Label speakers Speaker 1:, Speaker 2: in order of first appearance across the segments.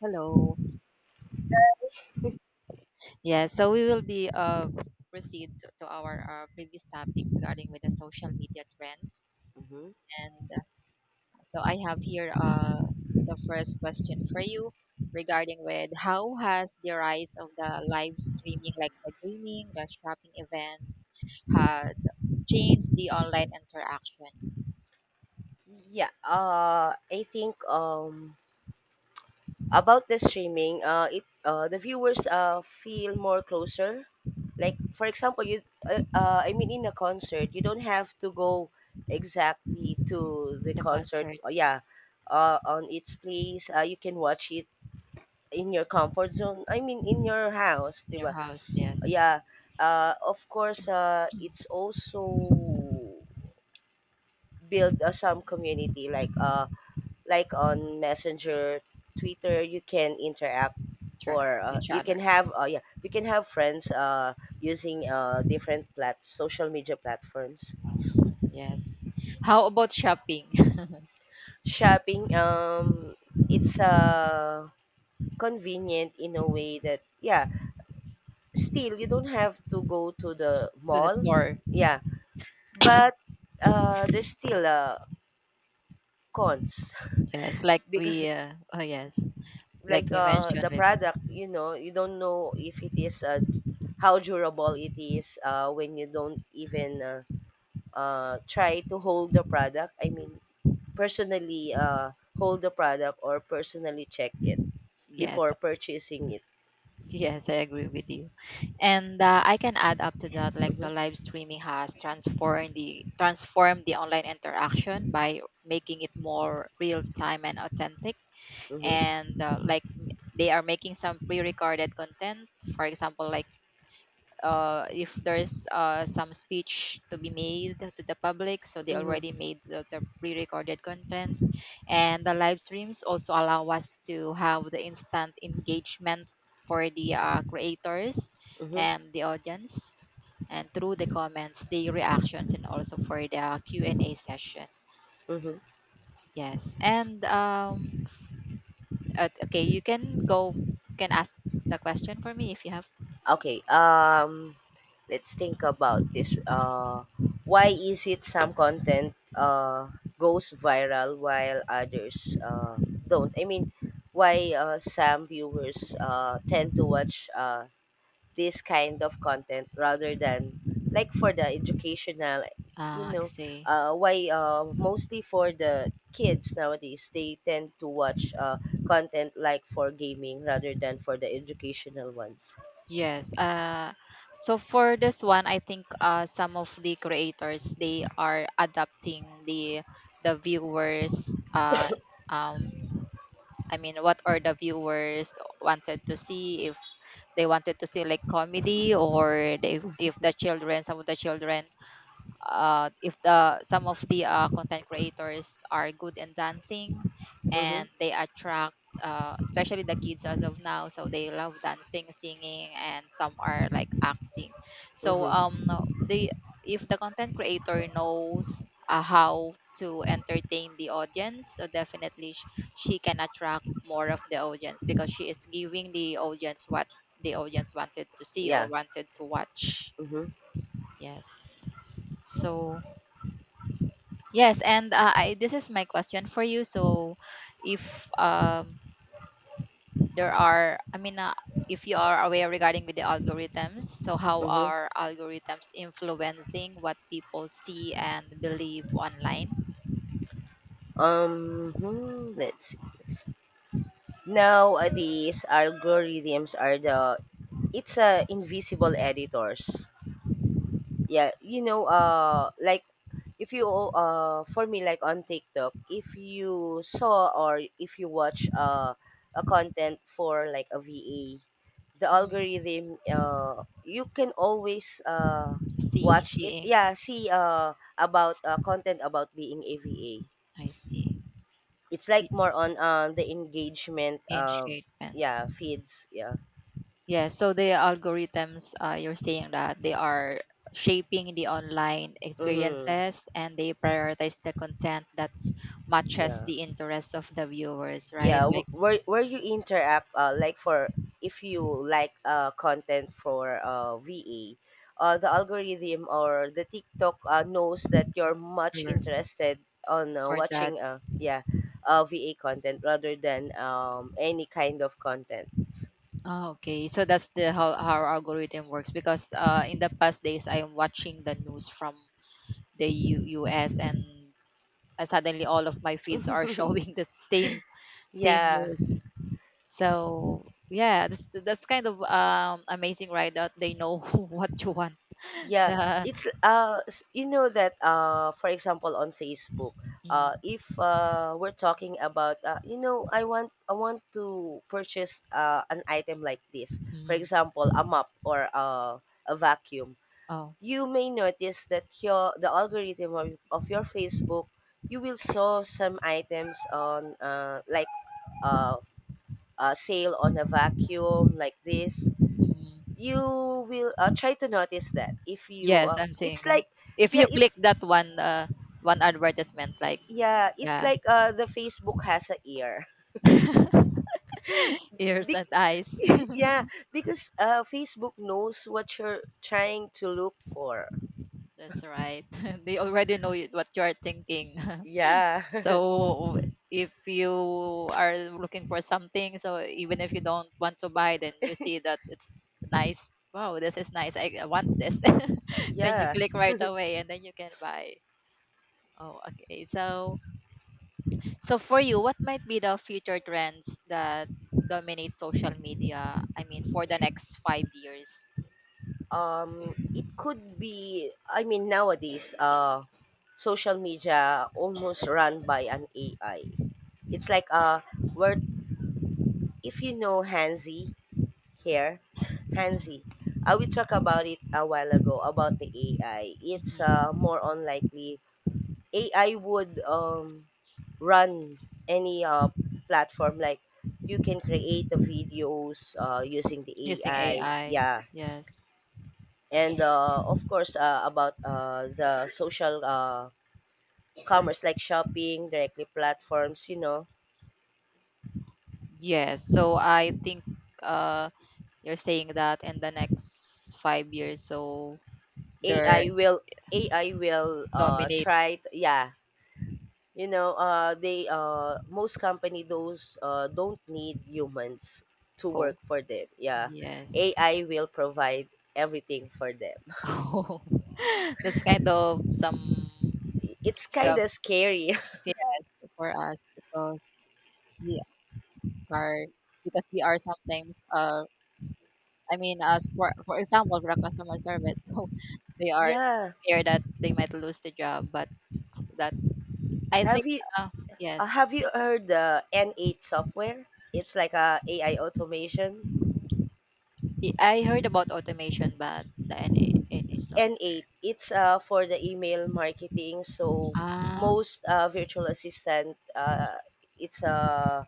Speaker 1: Hello. Yes, so we will be proceed to our previous topic regarding with the social media trends.
Speaker 2: Mm-hmm.
Speaker 1: And so I have here the first question for you regarding with how has the rise of the live streaming, like the gaming, the shopping events, had changed the online interaction,
Speaker 2: Yeah, I think about the streaming, it the viewers feel more closer. Like for example, you I mean in a concert, you don't have to go exactly to the
Speaker 1: the
Speaker 2: concert.
Speaker 1: concert
Speaker 2: Yeah, on its place, you can watch it in your comfort zone. I mean in your house,
Speaker 1: in your
Speaker 2: diba?
Speaker 1: house? Yes,
Speaker 2: Yeah. Of course, it's also build some community, like on Messenger, Twitter, you can interact,
Speaker 1: interact
Speaker 2: or
Speaker 1: with each
Speaker 2: you can
Speaker 1: other.
Speaker 2: have you can have friends using different social media platforms.
Speaker 1: Yes. How about shopping?
Speaker 2: Shopping, it's convenient in a way that, yeah, still you don't have to go to the
Speaker 1: To the
Speaker 2: mall.
Speaker 1: store?
Speaker 2: Yeah, but there's still cons.
Speaker 1: Yes, like
Speaker 2: Because,
Speaker 1: we, oh yes, like
Speaker 2: like,
Speaker 1: you mentioned
Speaker 2: the
Speaker 1: before.
Speaker 2: product, you don't know if it is how durable it is when you don't even try to hold the product. I mean, personally hold the product or personally check it before
Speaker 1: Yes,
Speaker 2: purchasing it.
Speaker 1: yes, I agree with you. And I can add up to that, like
Speaker 2: Mm-hmm.
Speaker 1: the live streaming has transformed the online interaction by making it more real time and authentic.
Speaker 2: Mm-hmm.
Speaker 1: And like they are making some pre-recorded content, for example, like if there's some speech to be made to the public, so they
Speaker 2: Mm-hmm.
Speaker 1: already made the pre-recorded content, and the live streams also allow us to have the instant engagement for the creators
Speaker 2: Mm-hmm.
Speaker 1: and the audience, and through the comments, the reactions, and also for the Q&A session.
Speaker 2: Mm-hmm.
Speaker 1: Yes, and okay, you can go. You can ask the question for me if you have.
Speaker 2: Okay, let's think about this. Why is it some content goes viral while others don't? I mean, why some viewers tend to watch this kind of content rather than, like, for the educational, you
Speaker 1: Uh,
Speaker 2: know,
Speaker 1: see.
Speaker 2: why mostly for the kids nowadays they tend to watch content, like, for gaming rather than for the educational ones.
Speaker 1: Yes. So for this one, I think some of the creators they are adapting the viewers. Um, I mean, what are the viewers wanted to see? If they wanted to see like comedy, or they, if the children, some of the children if the some of the content creators are good in dancing
Speaker 2: Mm-hmm.
Speaker 1: and they attract especially the kids as of now, so they love dancing, singing, and some are like acting. So
Speaker 2: Mm-hmm.
Speaker 1: the if the content creator knows how to entertain the audience, so definitely she can attract more of the audience because she is giving the audience what the audience wanted to see or
Speaker 2: Yeah.
Speaker 1: wanted to watch,
Speaker 2: Mm-hmm.
Speaker 1: yes. So yes, and this is my question for you. So, if I mean, if you are aware regarding with the algorithms, so how
Speaker 2: Mm-hmm.
Speaker 1: are algorithms influencing what people see and believe online?
Speaker 2: Um. Let's see. This. Now these algorithms are the it's invisible editors. Yeah, like, if you for me, like, on TikTok, if you saw or if you watch a content for like a VA, the
Speaker 1: Mm,
Speaker 2: algorithm, you can always
Speaker 1: see,
Speaker 2: watch it.
Speaker 1: seeing.
Speaker 2: Yeah, see about content about being a VA.
Speaker 1: I see.
Speaker 2: It's
Speaker 1: E-
Speaker 2: like more on the engagement.
Speaker 1: Engagement.
Speaker 2: Yeah, feeds. Yeah.
Speaker 1: Yeah, so the algorithms you're saying that they are shaping the online
Speaker 2: Mm-hmm.
Speaker 1: experiences and they prioritize the content that matches
Speaker 2: Yeah,
Speaker 1: the interests of the viewers, right?
Speaker 2: yeah,
Speaker 1: Like
Speaker 2: where you interact like, for if you like content for VA, the algorithm or the TikTok knows that you're much
Speaker 1: for,
Speaker 2: interested on
Speaker 1: for that.
Speaker 2: watching VA content rather than any kind of content.
Speaker 1: Oh, okay. So that's the how our algorithm works because in the past days I am watching the news from the US and suddenly all of my feeds are showing the same
Speaker 2: Yeah.
Speaker 1: news. So yeah, that's kind of amazing, right? That they know what you want.
Speaker 2: Yeah,
Speaker 1: The
Speaker 2: it's you know that for example, on Facebook,
Speaker 1: Mm,
Speaker 2: if we're talking about, I want to purchase an item like this. For
Speaker 1: mm,
Speaker 2: example, a mop or a vacuum.
Speaker 1: oh
Speaker 2: You may notice that your the algorithm of your Facebook, you will saw some items on like uh a sale on a vacuum like this.
Speaker 1: mm.
Speaker 2: You will try to notice that if you
Speaker 1: Yes, I'm seeing
Speaker 2: it's
Speaker 1: that.
Speaker 2: like,
Speaker 1: If
Speaker 2: yeah,
Speaker 1: you click that one advertisement, like,
Speaker 2: it's
Speaker 1: yeah.
Speaker 2: like, the Facebook has a ear.
Speaker 1: Ears
Speaker 2: Be-
Speaker 1: and eyes.
Speaker 2: yeah, because Facebook knows what you're trying to look for.
Speaker 1: That's right. They already know what you are thinking.
Speaker 2: Yeah.
Speaker 1: So if you are looking for something, so even if you don't want to buy, then you see that it's nice. Wow, this is nice. I want this. Then you
Speaker 2: Yeah.
Speaker 1: click right away and then you can buy. Oh, okay. So for you, what might be the future trends that dominate social media? I mean, for the next 5 years?
Speaker 2: It could be, I mean, nowadays social media almost run by an AI. It's like where if you know Hansi here. Hansi. We talked about it a while ago about the AI. It's
Speaker 1: Mhm.
Speaker 2: more unlikely AI would run any platform. Like, you can create the videos using the
Speaker 1: Using
Speaker 2: AI.
Speaker 1: AI.
Speaker 2: Yeah,
Speaker 1: Yes.
Speaker 2: and of course, about the social commerce, like shopping directly platforms. You know,
Speaker 1: Yes. So I think uh you're saying that in the next 5 years, so they're
Speaker 2: AI will AI will
Speaker 1: dominate
Speaker 2: try. To, yeah, you know, they most company those don't need humans to work
Speaker 1: co.
Speaker 2: for them. Yeah,
Speaker 1: Yes.
Speaker 2: AI will provide everything for them.
Speaker 1: Oh, that's kind of some
Speaker 2: It's kind
Speaker 1: uh,
Speaker 2: of scary.
Speaker 1: CS for us, because we are we are sometimes, I mean, as for example for a customer service, so they are
Speaker 2: Yeah.
Speaker 1: scared that they might lose the job, but that I think,
Speaker 2: Have you
Speaker 1: uh,
Speaker 2: uh,
Speaker 1: yes,
Speaker 2: have you heard the N8 software? It's like a AI automation.
Speaker 1: I heard about automation, but the NA, NA so
Speaker 2: N8. It's for the email marketing. So
Speaker 1: ah.
Speaker 2: most virtual assistant, it's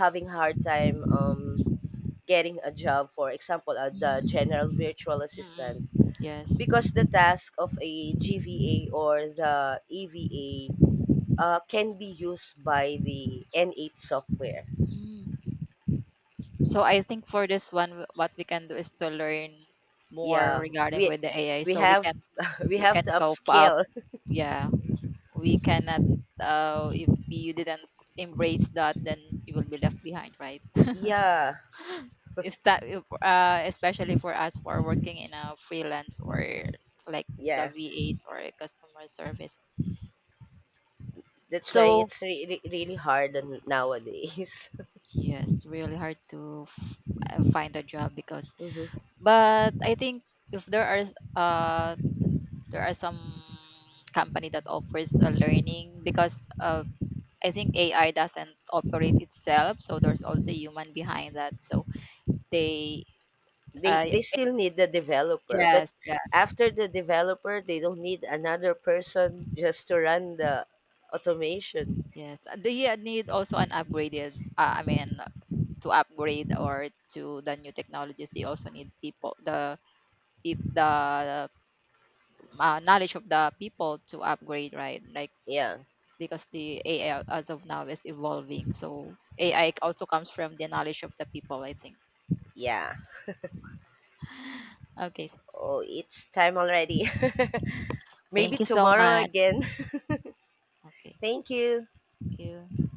Speaker 2: having hard time getting a job, for example, the general virtual assistant,
Speaker 1: Mm. Yes.
Speaker 2: because the task of a GVA or the EVA can be used by the N8 software.
Speaker 1: Mm. So I think for this one, what we can do is to learn more
Speaker 2: Yeah,
Speaker 1: regarding
Speaker 2: we
Speaker 1: with the AI,
Speaker 2: we
Speaker 1: so
Speaker 2: have we
Speaker 1: we
Speaker 2: have to
Speaker 1: can cope up.
Speaker 2: upscale.
Speaker 1: Yeah, we cannot. If you didn't embrace that, then you will be left behind, right?
Speaker 2: Yeah,
Speaker 1: If especially for us who are working in a freelance or like the
Speaker 2: yeah.
Speaker 1: VAs or customer service.
Speaker 2: That's why
Speaker 1: So
Speaker 2: it's really really hard nowadays.
Speaker 1: yes, really hard to find a job, because.
Speaker 2: Mhm.
Speaker 1: But I think if there are there are some company that offers a learning because I think AI doesn't operate itself, so there's also human behind that. So they,
Speaker 2: They
Speaker 1: uh
Speaker 2: they still need the developer, but
Speaker 1: yes, yeah,
Speaker 2: after the developer, they don't need another person just to run the automation.
Speaker 1: yes, they need also an upgraded, I mean, to upgrade or to the new technologies. They also need people, the knowledge of the people to upgrade, right, like
Speaker 2: Yeah,
Speaker 1: because the AI as of now is evolving. So AI also comes from the knowledge of the people, I think.
Speaker 2: yeah.
Speaker 1: Okay.
Speaker 2: Oh, it's time already. Maybe
Speaker 1: Thank you so
Speaker 2: tomorrow
Speaker 1: much.
Speaker 2: again.
Speaker 1: Okay.
Speaker 2: Thank you.
Speaker 1: Thank you.